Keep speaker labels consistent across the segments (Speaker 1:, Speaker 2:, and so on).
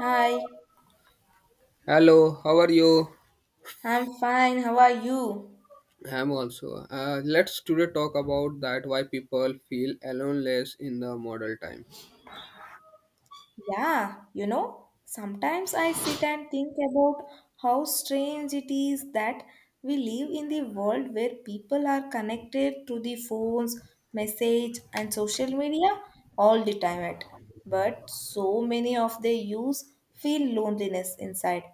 Speaker 1: Hi,
Speaker 2: Hello, how are you?
Speaker 1: I'm fine. How are you?
Speaker 2: I'm also. Let's today talk about that why people feel aloneless in the modern time.
Speaker 1: Yeah, you know, sometimes I sit and think about how strange it is that we live in the world where people are connected to the phones, message, and social media all the time at. But so many of their use feel loneliness inside.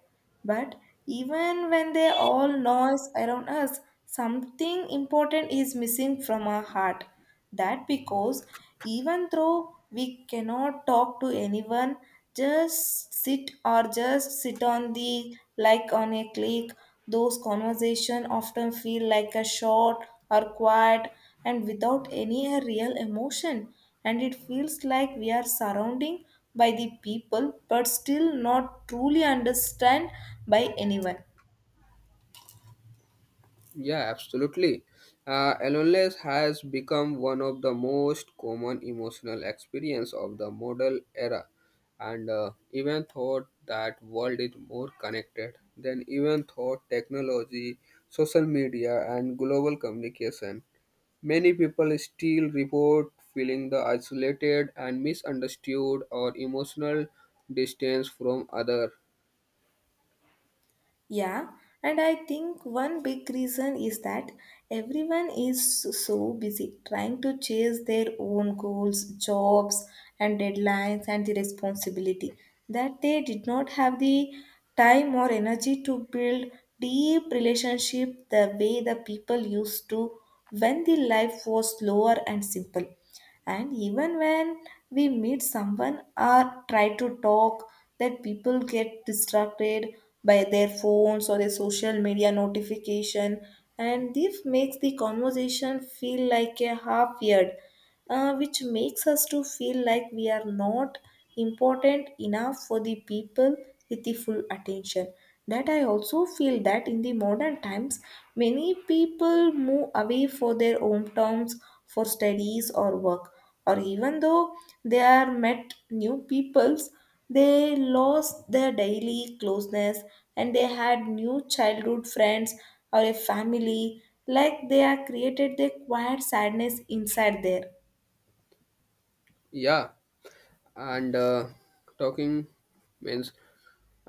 Speaker 1: But even when they all noise around us, something important is missing from our heart. That because even though we cannot talk to anyone, just sit or just sit on the like on a click, those conversation often feel like a short or quiet and without any real emotion. And it feels like we are surrounding by the people but still not truly understand by anyone.
Speaker 2: Yeah, absolutely. Aloneness has become one of the most common emotional experience of the modern era, and even thought that world is more connected than even thought technology, social media, and global communication. Many people still report feeling the isolated and misunderstood or emotional distance from other.
Speaker 1: Yeah, and I think one big reason is that everyone is so busy trying to chase their own goals, jobs, and deadlines and the responsibility that they did not have the time or energy to build deep relationship the way the people used to when the life was slower and simple. And even when we meet someone or try to talk, that people get distracted by their phones or their social media notification, and this makes the conversation feel like a half-eared, which makes us to feel like we are not important enough for the people with the full attention. That I also feel that in the modern times, many people move away for their hometowns for studies or work, or even though they are met new peoples, they lost their daily closeness, and they had new childhood friends or a family, like they are created the quiet sadness inside there.
Speaker 2: Yeah, and talking means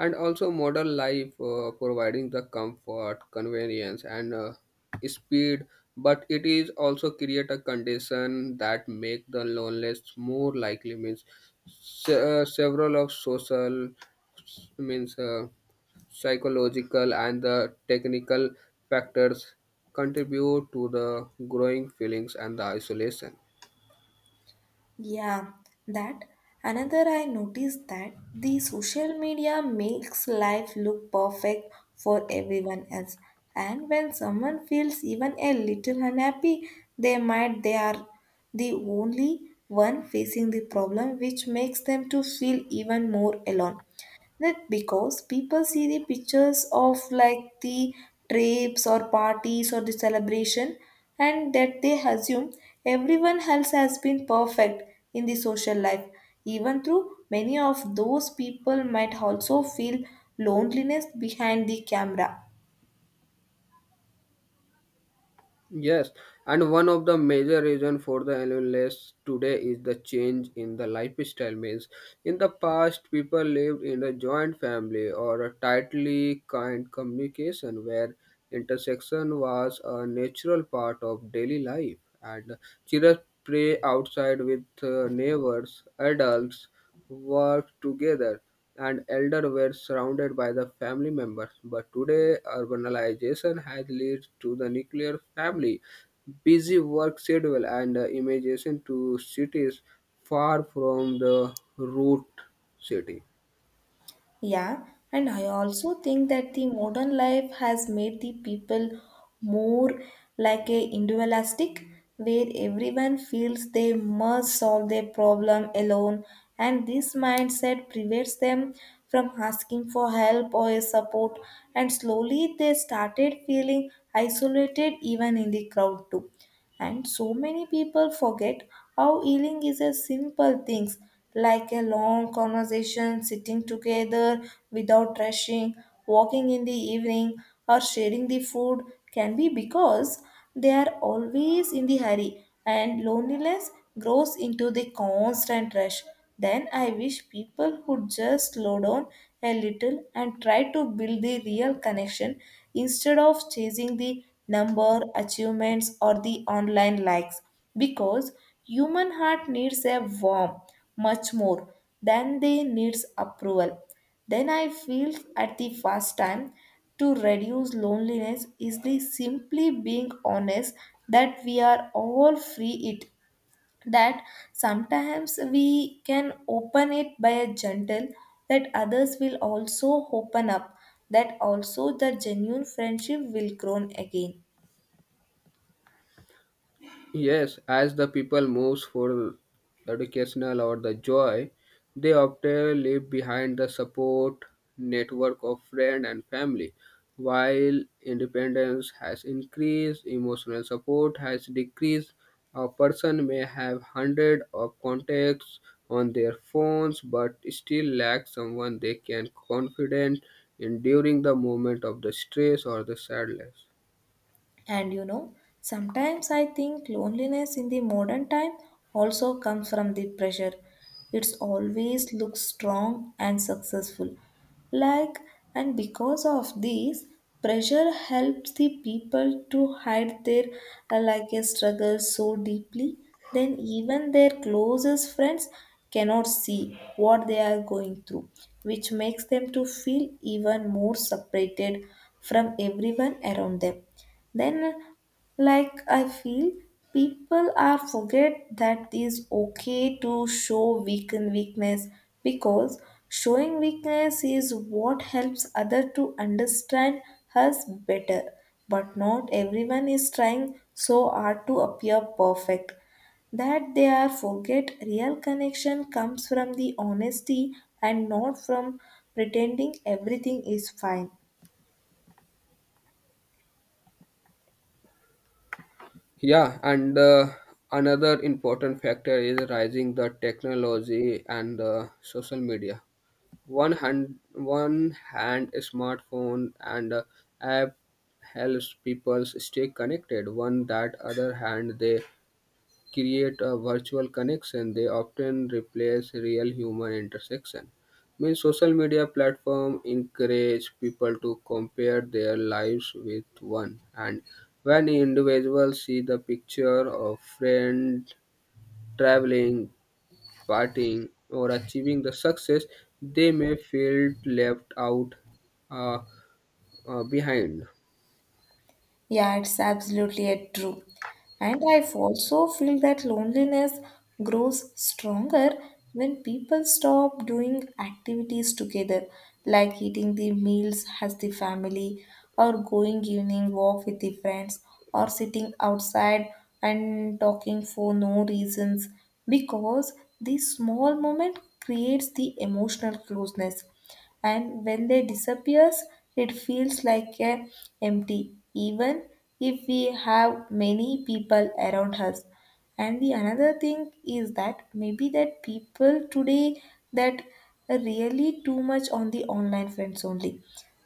Speaker 2: and also modern life providing the comfort, convenience, and speed, but it is also create a condition that make the loneliness more likely means several of social means. Psychological and the technical factors contribute to the growing feelings and the isolation.
Speaker 1: Yeah, that another I noticed that the social media makes life look perfect for everyone else. And when someone feels even a little unhappy, they are the only one facing the problem, which makes them to feel even more alone. That because people see the pictures of like the trips or parties or the celebration, and that they assume everyone else has been perfect in the social life. Even though many of those people might also feel loneliness behind the camera.
Speaker 2: Yes, and one of the major reason for the loneliness today is the change in the lifestyle means. In the past, people lived in a joint family or a tightly kind communication where intersection was a natural part of daily life and children play outside with neighbors, adults worked together, and elders were surrounded by the family members. But today, urbanization has led to the nuclear family, busy work schedule, and the immigration to cities far from the root city.
Speaker 1: Yeah, and I also think that the modern life has made the people more like a individualistic, where everyone feels they must solve their problem alone, and this mindset prevents them from asking for help or support, and slowly they started feeling isolated even in the crowd too. And so many people forget how healing is a simple things like a long conversation, sitting together without rushing, walking in the evening, or sharing the food can be, because they are always in the hurry and loneliness grows into the constant rush. Then I wish people would just slow down a little and try to build the real connection instead of chasing the number, achievements, or the online likes. Because human heart needs a warm much more than they needs approval. Then I feel at the first time to reduce loneliness is the simply being honest that we are all free it, that sometimes we can open it by a gentle, that others will also open up, that also the genuine friendship will grow again.
Speaker 2: Yes, as the people moves for educational or the joy, they often leave behind the support network of friend and family. While independence has increased, emotional support has decreased. A person may have hundred of contacts on their phones, but still lack someone they can confident in during the moment of the stress or the sadness.
Speaker 1: And you know, sometimes I think loneliness in the modern time also comes from the pressure. It's always looks strong and successful. Like, and because of this, pressure helps the people to hide their like a struggle so deeply, then even their closest friends cannot see what they are going through, which makes them to feel even more separated from everyone around them. Then like I feel people are forget that it's okay to show weaken weakness, because showing weakness is what helps other to understand us better. But not everyone is trying so hard to appear perfect, that they are forget real connection comes from the honesty and not from pretending everything is fine.
Speaker 2: Yeah, and another important factor is rising the technology and social media. One hand, smartphone and app helps people stay connected. One that other hand, they create a virtual connection, they often replace real human intersection. Means social media platform encourage people to compare their lives with one, and when individuals see the picture of friend traveling, partying, or achieving the success, they may feel left out uh, behind.
Speaker 1: Yeah, it's absolutely a true. And I also feel that loneliness grows stronger when people stop doing activities together, like eating the meals as the family, or going evening walk with the friends, or sitting outside and talking for no reasons, because the small moment creates the emotional closeness, and when they disappears it feels like a empty, even if we have many people around us. And the another thing is that maybe that people today that are really too much on the online friends only,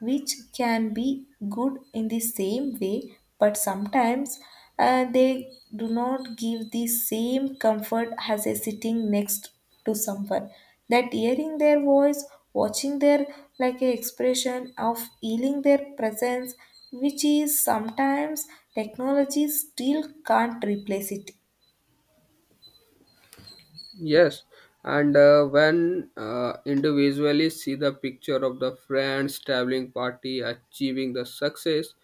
Speaker 1: which can be good in the same way, but sometimes they do not give the same comfort as a sitting next to someone, that hearing their voice, watching their like a expression of feeling their presence, which is sometimes technology still can't replace it.
Speaker 2: Yes, and when individually see the picture of the friends traveling party achieving the success,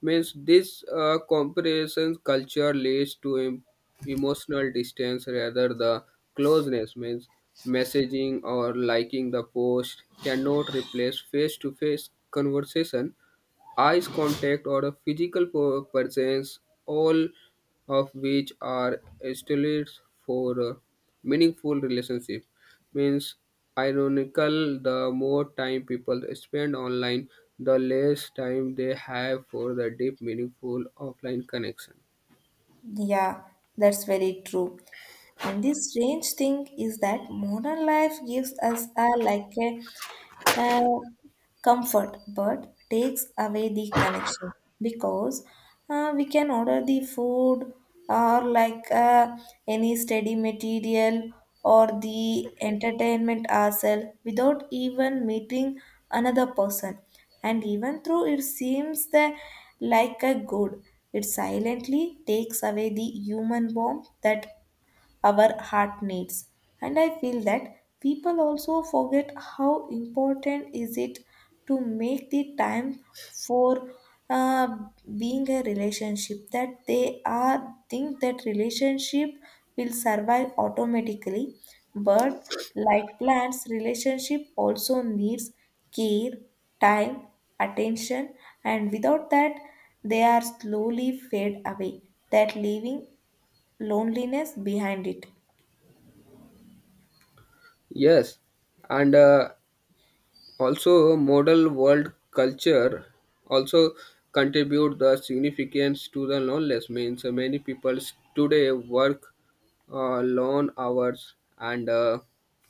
Speaker 2: means this comparison culture leads to emotional distance rather the closeness. Means messaging or liking the post cannot replace face to face conversation eyes contact, or a physical presence, all of which are estimates for a meaningful relationship. Means, ironical, the more time people spend online, the less time they have for the deep, meaningful offline connection.
Speaker 1: Yeah, that's very true. And this strange thing is that modern life gives us a like a uh, comfort but takes away the connection, because we can order the food or like any steady material or the entertainment ourselves without even meeting another person, and even though it seems that like a good, it silently takes away the human warmth that our heart needs. And I feel that people also forget how important is it to make the time for uh, being a relationship, that they are think that relationship will survive automatically, but like plants, relationship also needs care, time, attention, and without that they are slowly fade away, that leaving loneliness behind it.
Speaker 2: Yes, and also, modern world culture also contribute the significance to the loneliness. Means many people today work long hours and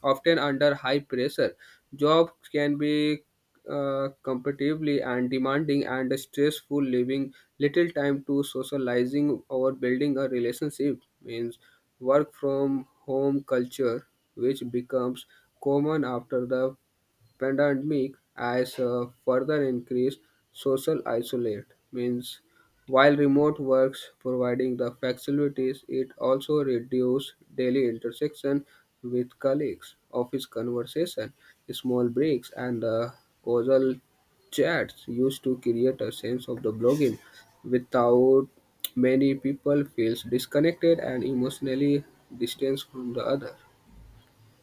Speaker 2: often under high pressure. Jobs can be competitively and demanding and stressful, leaving little time to socializing or building a relationship. Means work from home culture, which becomes common after the pandemic has further increased social isolate means while remote works providing the facilities it also reduced daily intersection with colleagues office conversation small breaks and the causal chats used to create a sense of the blogging without many people feels disconnected and emotionally distanced from the other.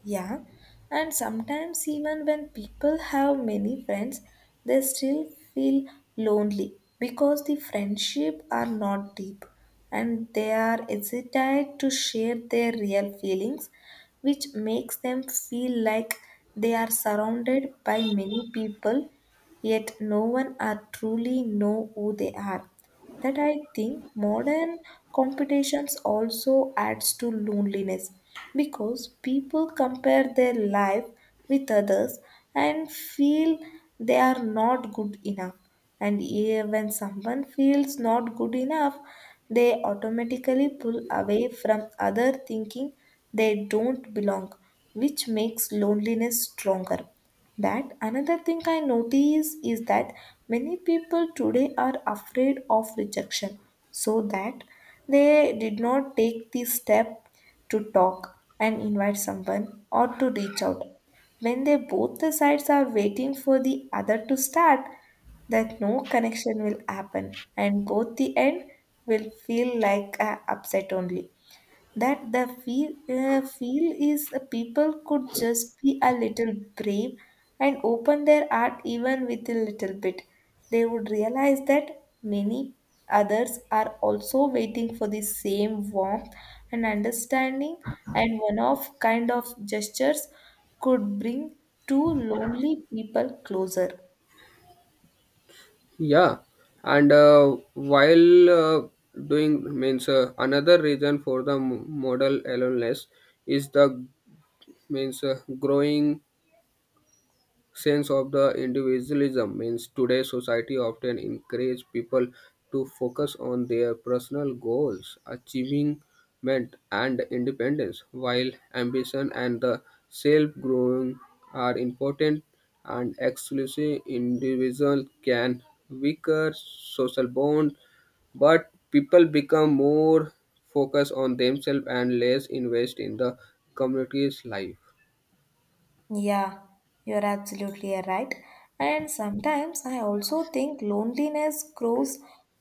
Speaker 1: Yeah, and sometimes even when people have many friends, they still feel lonely because the friendship are not deep and they are hesitant to share their real feelings, which makes them feel like they are surrounded by many people yet no one are truly know who they are. That I think modern competitions also adds to loneliness because people compare their life with others and feel they are not good enough. And eh, when someone feels not good enough, they automatically pull away from other thinking they don't belong, which makes loneliness stronger. That another thing I notice is that many people today are afraid of rejection, so that they did not take the step to talk and invite someone or to reach out. When they both the sides are waiting for the other to start, that no connection will happen and both the end will feel like a upset only. That the feel feel is people could just be a little brave and open their art even with a little bit, they would realize that many others are also waiting for the same warmth and understanding, and one of kind of gestures could bring two lonely people closer.
Speaker 2: Yeah, and while doing means another reason for the model aloneness is the means growing sense of the individualism means today's society often encourage people to focus on their personal goals achievement and independence while ambition and the self growing are important and exclusive individual can weaker social bond but people become more focused on themselves and less invest in the community's life.
Speaker 1: Yeah, you're absolutely right. And sometimes I also think loneliness grows,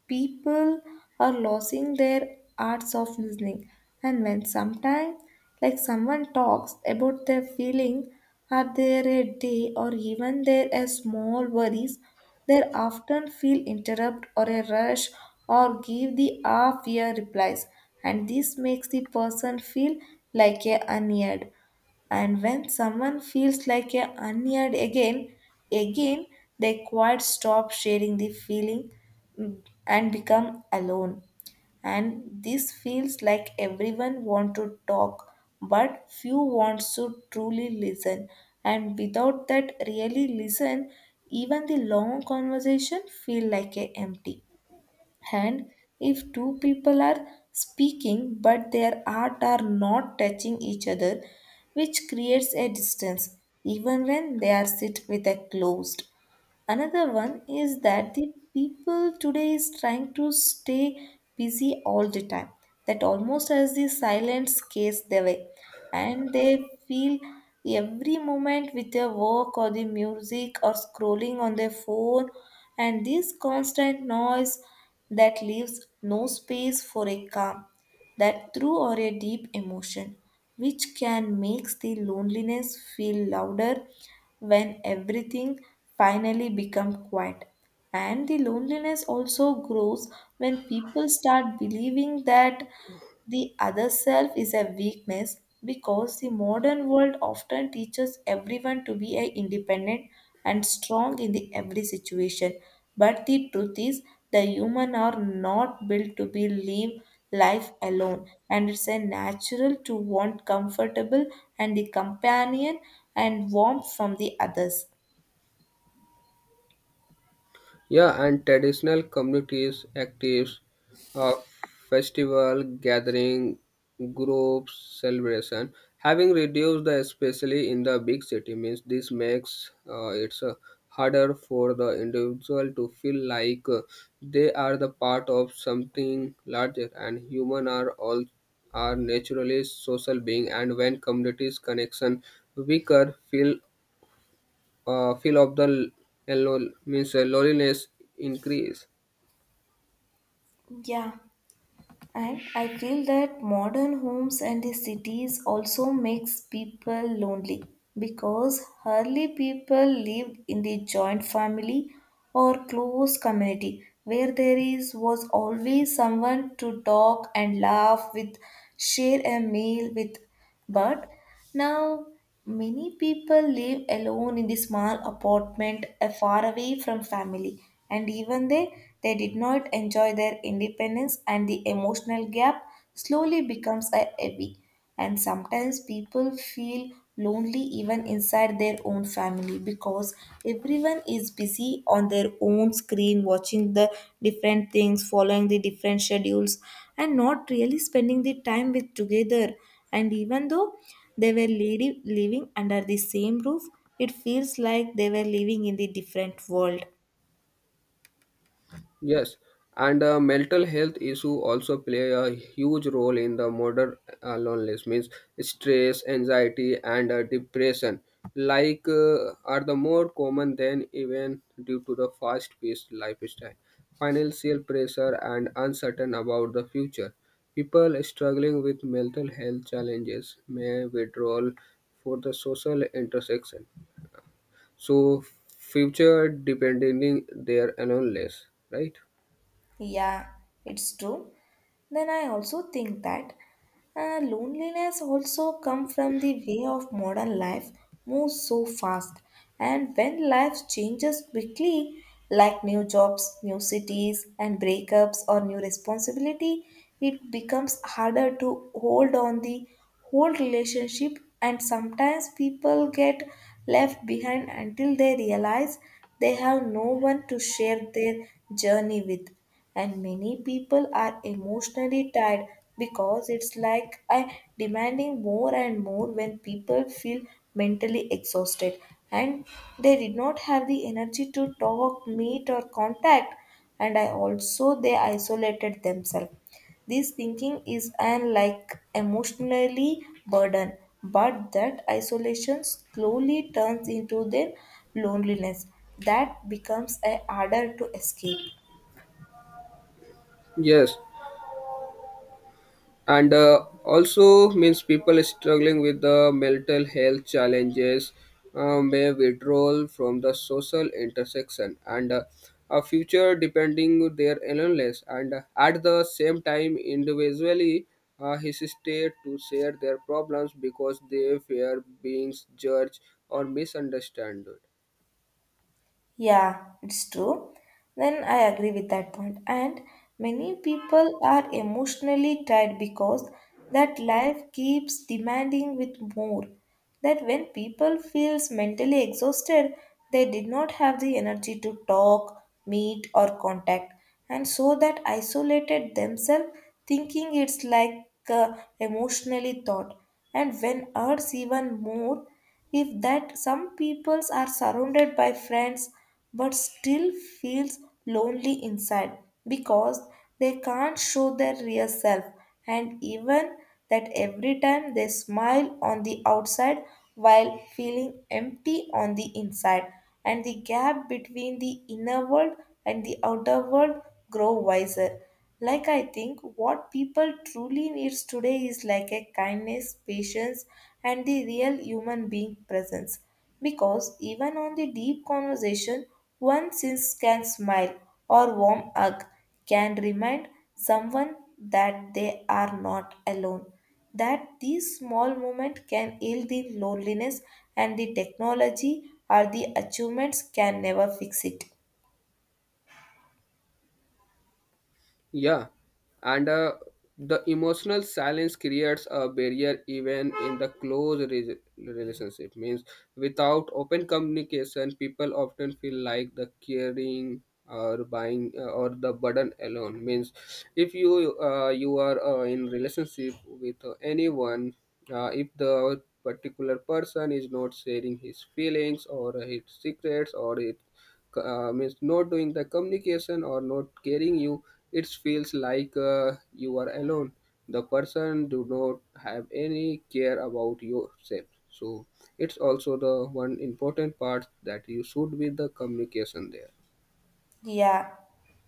Speaker 1: people are losing their arts of listening. And when sometimes like someone talks about their feeling, are there a day or even there a small worries, they often feel interrupt or a rush or give the half year replies, and this makes the person feel like a unheard. And when someone feels like a unheard again again, they quite stop sharing the feeling, mm, and become alone. And this feels like everyone want to talk but few wants to truly listen, and without that really listen, even the long conversation feel like a empty. And if two people are speaking but their art are not touching each other, which creates a distance even when they are sit with a closed. Another one is that the people today is trying to stay busy all the time. That almost as the silence case their way. And they feel every moment with their work or the music or scrolling on their phone, and this constant noise that leaves no space for a calm, that through or a deep emotion, which can makes the loneliness feel louder when everything finally becomes quiet. And the loneliness also grows when people start believing that the other self is a weakness, because the modern world often teaches everyone to be a independent and strong in the every situation. But the truth is, the human are not built to be live life alone, and it's a natural to want comfortable and the companion and warmth from the others.
Speaker 2: Yeah, and traditional communities, actives, of festival, gathering, groups, celebration, having reduced the especially in the big city means this makes it's harder for the individual to feel like they are the part of something larger and human are all are naturally social being and when communities connection weaker feel feel of the means loneliness increase.
Speaker 1: Yeah, and I feel that modern homes and the cities also makes people lonely because hardly people live in the joint family or close community where there is was always someone to talk and laugh with, share a meal with. But now, many people live alone in the small apartment far away from family, and even they did not enjoy their independence, and the emotional gap slowly becomes a heavy. And sometimes people feel lonely even inside their own family because everyone is busy on their own screen watching the different things following the different schedules and not really spending the time with together, and even though they were living under the same roof, it feels like they were living in the different world.
Speaker 2: Yes, and mental health issue also play a huge role in the modern loneliness means stress anxiety and depression like are the more common than even due to the fast paced lifestyle financial pressure and uncertain about the future people struggling with mental health challenges may withdraw for the social intersection. So future depending their unless, right?
Speaker 1: Yeah, it's true. Then I also think that loneliness also come from the way of modern life moves so fast, and when life changes quickly, like new jobs, new cities, and breakups or new responsibility, it becomes harder to hold on the whole relationship, and sometimes people get left behind until they realize they have no one to share their journey with, and many people are emotionally tired because it's like I demanding more and more. When people feel mentally exhausted and they did not have the energy to talk, meet or contact, and I also they isolated themselves. This thinking is an like emotionally burden, but that isolation slowly turns into their loneliness that becomes a harder to escape.
Speaker 2: Yes, and also means people struggling with the mental health challenges may withdraw from the social intersection and a future depending their illness and at the same time individually hesitate to share their problems because they fear being judged or misunderstood.
Speaker 1: Yeah, it's true. Then I agree with that point. And many people are emotionally tired because that life keeps demanding with more. That when people feels mentally exhausted, they did not have the energy to talk, meet or contact. And so that isolated themselves thinking it's like emotionally thought. And when hurts even more if that some peoples are surrounded by friends but still feels lonely inside because they can't show their real self, and even that every time they smile on the outside while feeling empty on the inside, and the gap between the inner world and the outer world grow wiser. Like I think what people truly needs today is like a kindness, patience and the real human being presence. Because even on the deep conversation, one since can smile or warm hug can remind someone that they are not alone. That these small moments can heal the loneliness and the technology or the achievements can never fix it.
Speaker 2: Yeah, and the emotional silence creates a barrier even in the close relationship. Means without open communication, people often feel like the caring or buying or the burden alone. Means if you you are in relationship with anyone, if the particular person is not sharing his feelings or his secrets or it means not doing the communication or not caring you it feels like you are alone, the person do not have any care about yourself, so it's also the one important part that you should be the communication there.
Speaker 1: Yeah.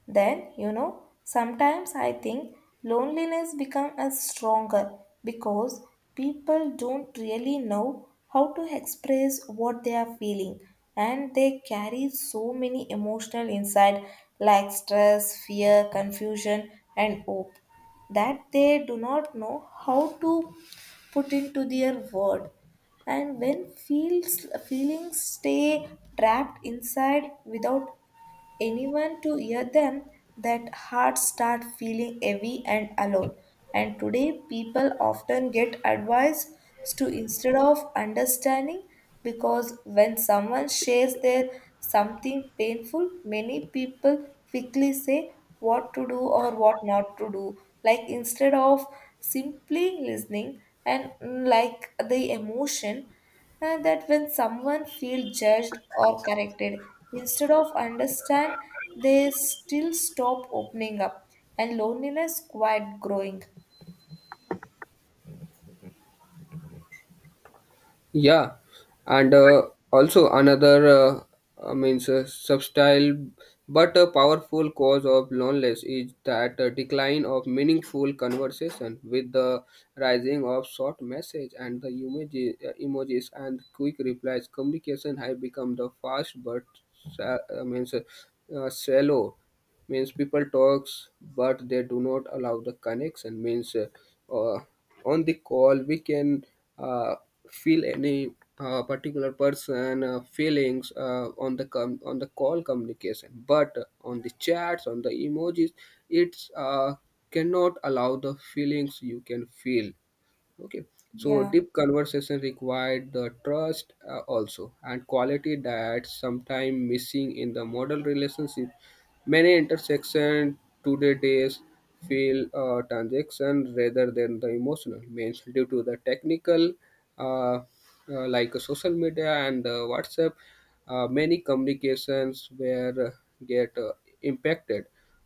Speaker 1: Then, you know, sometimes I think loneliness become a stronger because people don't really know how to express what they are feeling, and they carry so many emotional inside like stress, fear, confusion and hope that they do not know how to put into their word. And when feels feelings stay trapped inside without anyone to hear them, that heart start feeling heavy and alone. And today people often get advice to instead of understanding, because when someone shares their something painful, many people quickly say what to do or what not to do. Like instead of simply listening and like the emotion, and that when someone feels judged or corrected instead of understand, they still stop opening up and loneliness quite growing.
Speaker 2: Yeah, and also another means subtle but a powerful cause of loneliness is that decline of meaningful conversation with the rising of short message and the emojis and quick replies. Communication have become the fast but means shallow means people talks but they do not allow the connection means uh, on the call we can uh, feel any particular person feelings on the on the call communication but on the chats on the emojis it's cannot allow the feelings you can feel. Okay, so
Speaker 1: Yeah.
Speaker 2: deep conversation required the trust also and quality that sometimes missing in the model relationship. Many intersection today days feel transaction rather than the emotional means due to the technical uh, social media and WhatsApp. Many communications were get impacted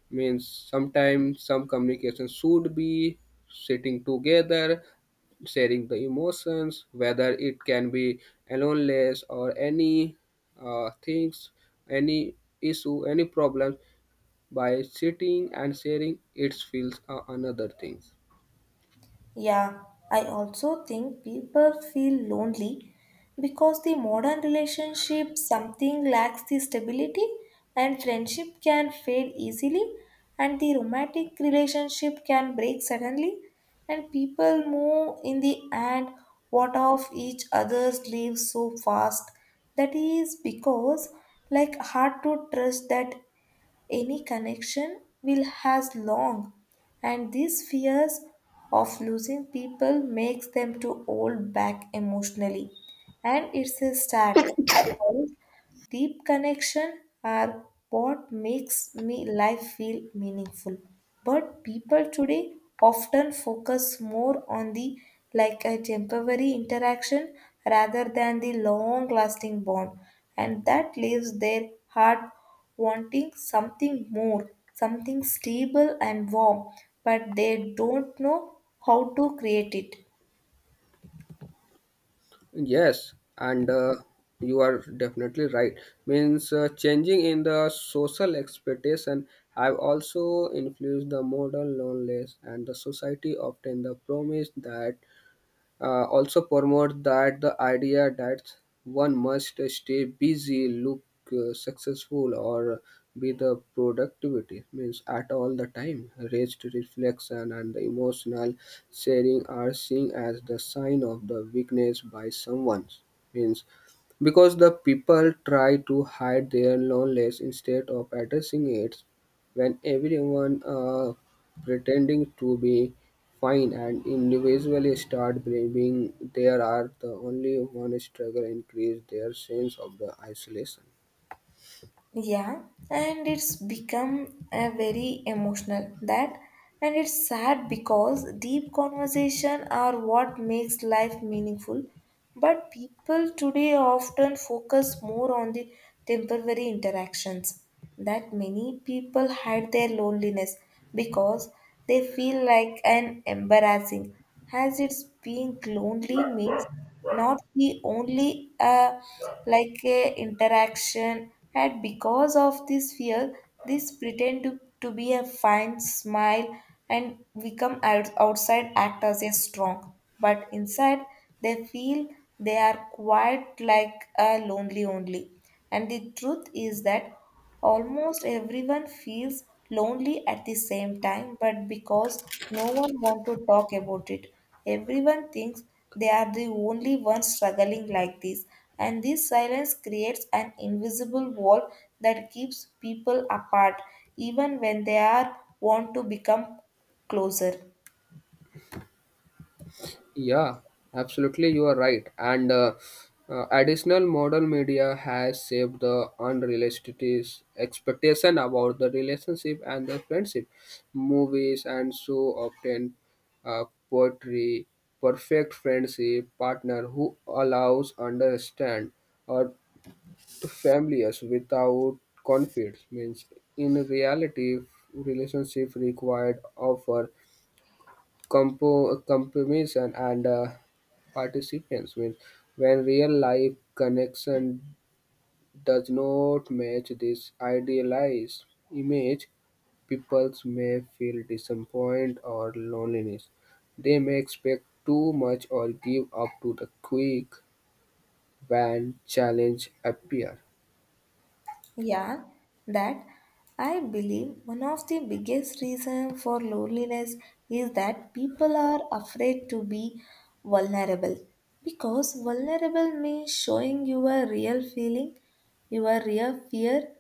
Speaker 2: means sometimes some communication should be sitting together sharing the emotions whether it can be aloneness or any things any issue any problem by sitting and sharing it feels another things.
Speaker 1: Yeah, I also think people feel lonely because the modern relationship something lacks the stability, and friendship can fade easily, and the romantic relationship can break suddenly, and people move in the end what of each other's lives so fast. That is because like hard to trust that any connection will has long, and these fears of losing people makes them to hold back emotionally, and it's a sad. Deep connection are what makes me life feel meaningful. But people today often focus more on the like a temporary interaction rather than the long lasting bond, and that leaves their heart wanting something more, something stable and warm, but they don't know how to create it.
Speaker 2: Yes, and you are definitely right. Means changing in the social expectation have also influenced the modern loneliness and the society often the promise that also promote that the idea that one must stay busy, look successful, or be the productivity means at all the time. Rest, reflection, and the emotional sharing are seen as the sign of the weakness by someone means because the people try to hide their loneliness instead of addressing it when everyone pretending to be fine and individually start believing they are the only one struggle increase their sense of the isolation.
Speaker 1: Yeah, and it's become a very emotional that, and it's sad because deep conversation are what makes life meaningful, but people today often focus more on the temporary interactions. That many people hide their loneliness because they feel like an embarrassing, as it's being lonely means not the only like a interaction, and because of this fear this pretend to be a fine smile and become outside act as a strong but inside they feel they are quite like a lonely only. And the truth is that almost everyone feels lonely at the same time, but because no one wants to talk about it, everyone thinks they are the only ones struggling like this. And this silence creates an invisible wall that keeps people apart, even when they are want to become closer.
Speaker 2: Yeah, absolutely you are right and additional modern media has shaped the unrealistic expectation about the relationship and the friendship movies and so often poetry perfect friendship partner who allows understand or families without conflicts means in reality relationship required offer compromise and participants means when real life connection does not match this idealized image people may feel disappointed or loneliness they may expect too much or give up to the quick when challenge appear.
Speaker 1: Yeah, that I believe one of the biggest reasons for loneliness is that people are afraid to be vulnerable, because vulnerable means showing your real feeling, your real fear,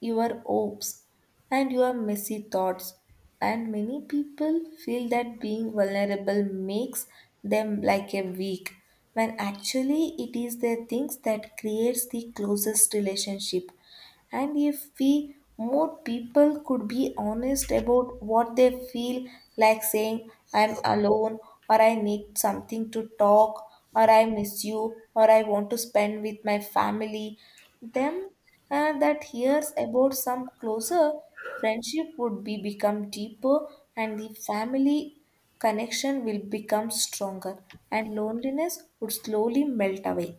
Speaker 1: your hopes, and your messy thoughts. And many people feel that being vulnerable makes them like a weak, when actually it is the things that creates the closest relationship. And if we more people could be honest about what they feel, like saying, I'm alone, or I need something to talk, or I miss you, or I want to spend with my family, them that hears about some closer friendship would be become deeper and the family connection will become stronger and loneliness would slowly melt away.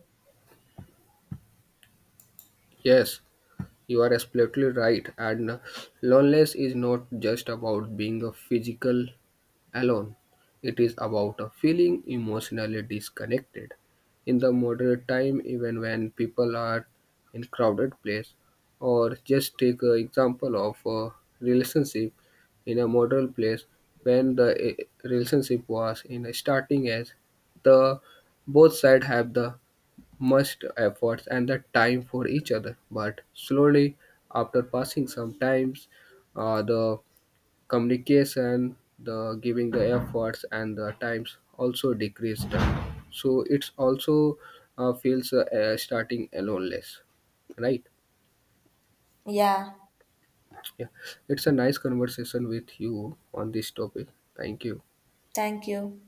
Speaker 2: Yes, you are absolutely right, and loneliness is not just about being a physical alone. It is about a feeling emotionally disconnected. In the modern time, even when people are in crowded place, or just take an example of a relationship in a modern place, when the relationship was in a starting as the both side have the much efforts and the time for each other. But slowly, after passing some times, the communication, the giving the efforts and the times also decreased. So it's also feels starting aloneness, right?
Speaker 1: Yeah,
Speaker 2: Yeah, it's a nice conversation with you on this topic. Thank you.
Speaker 1: thank you.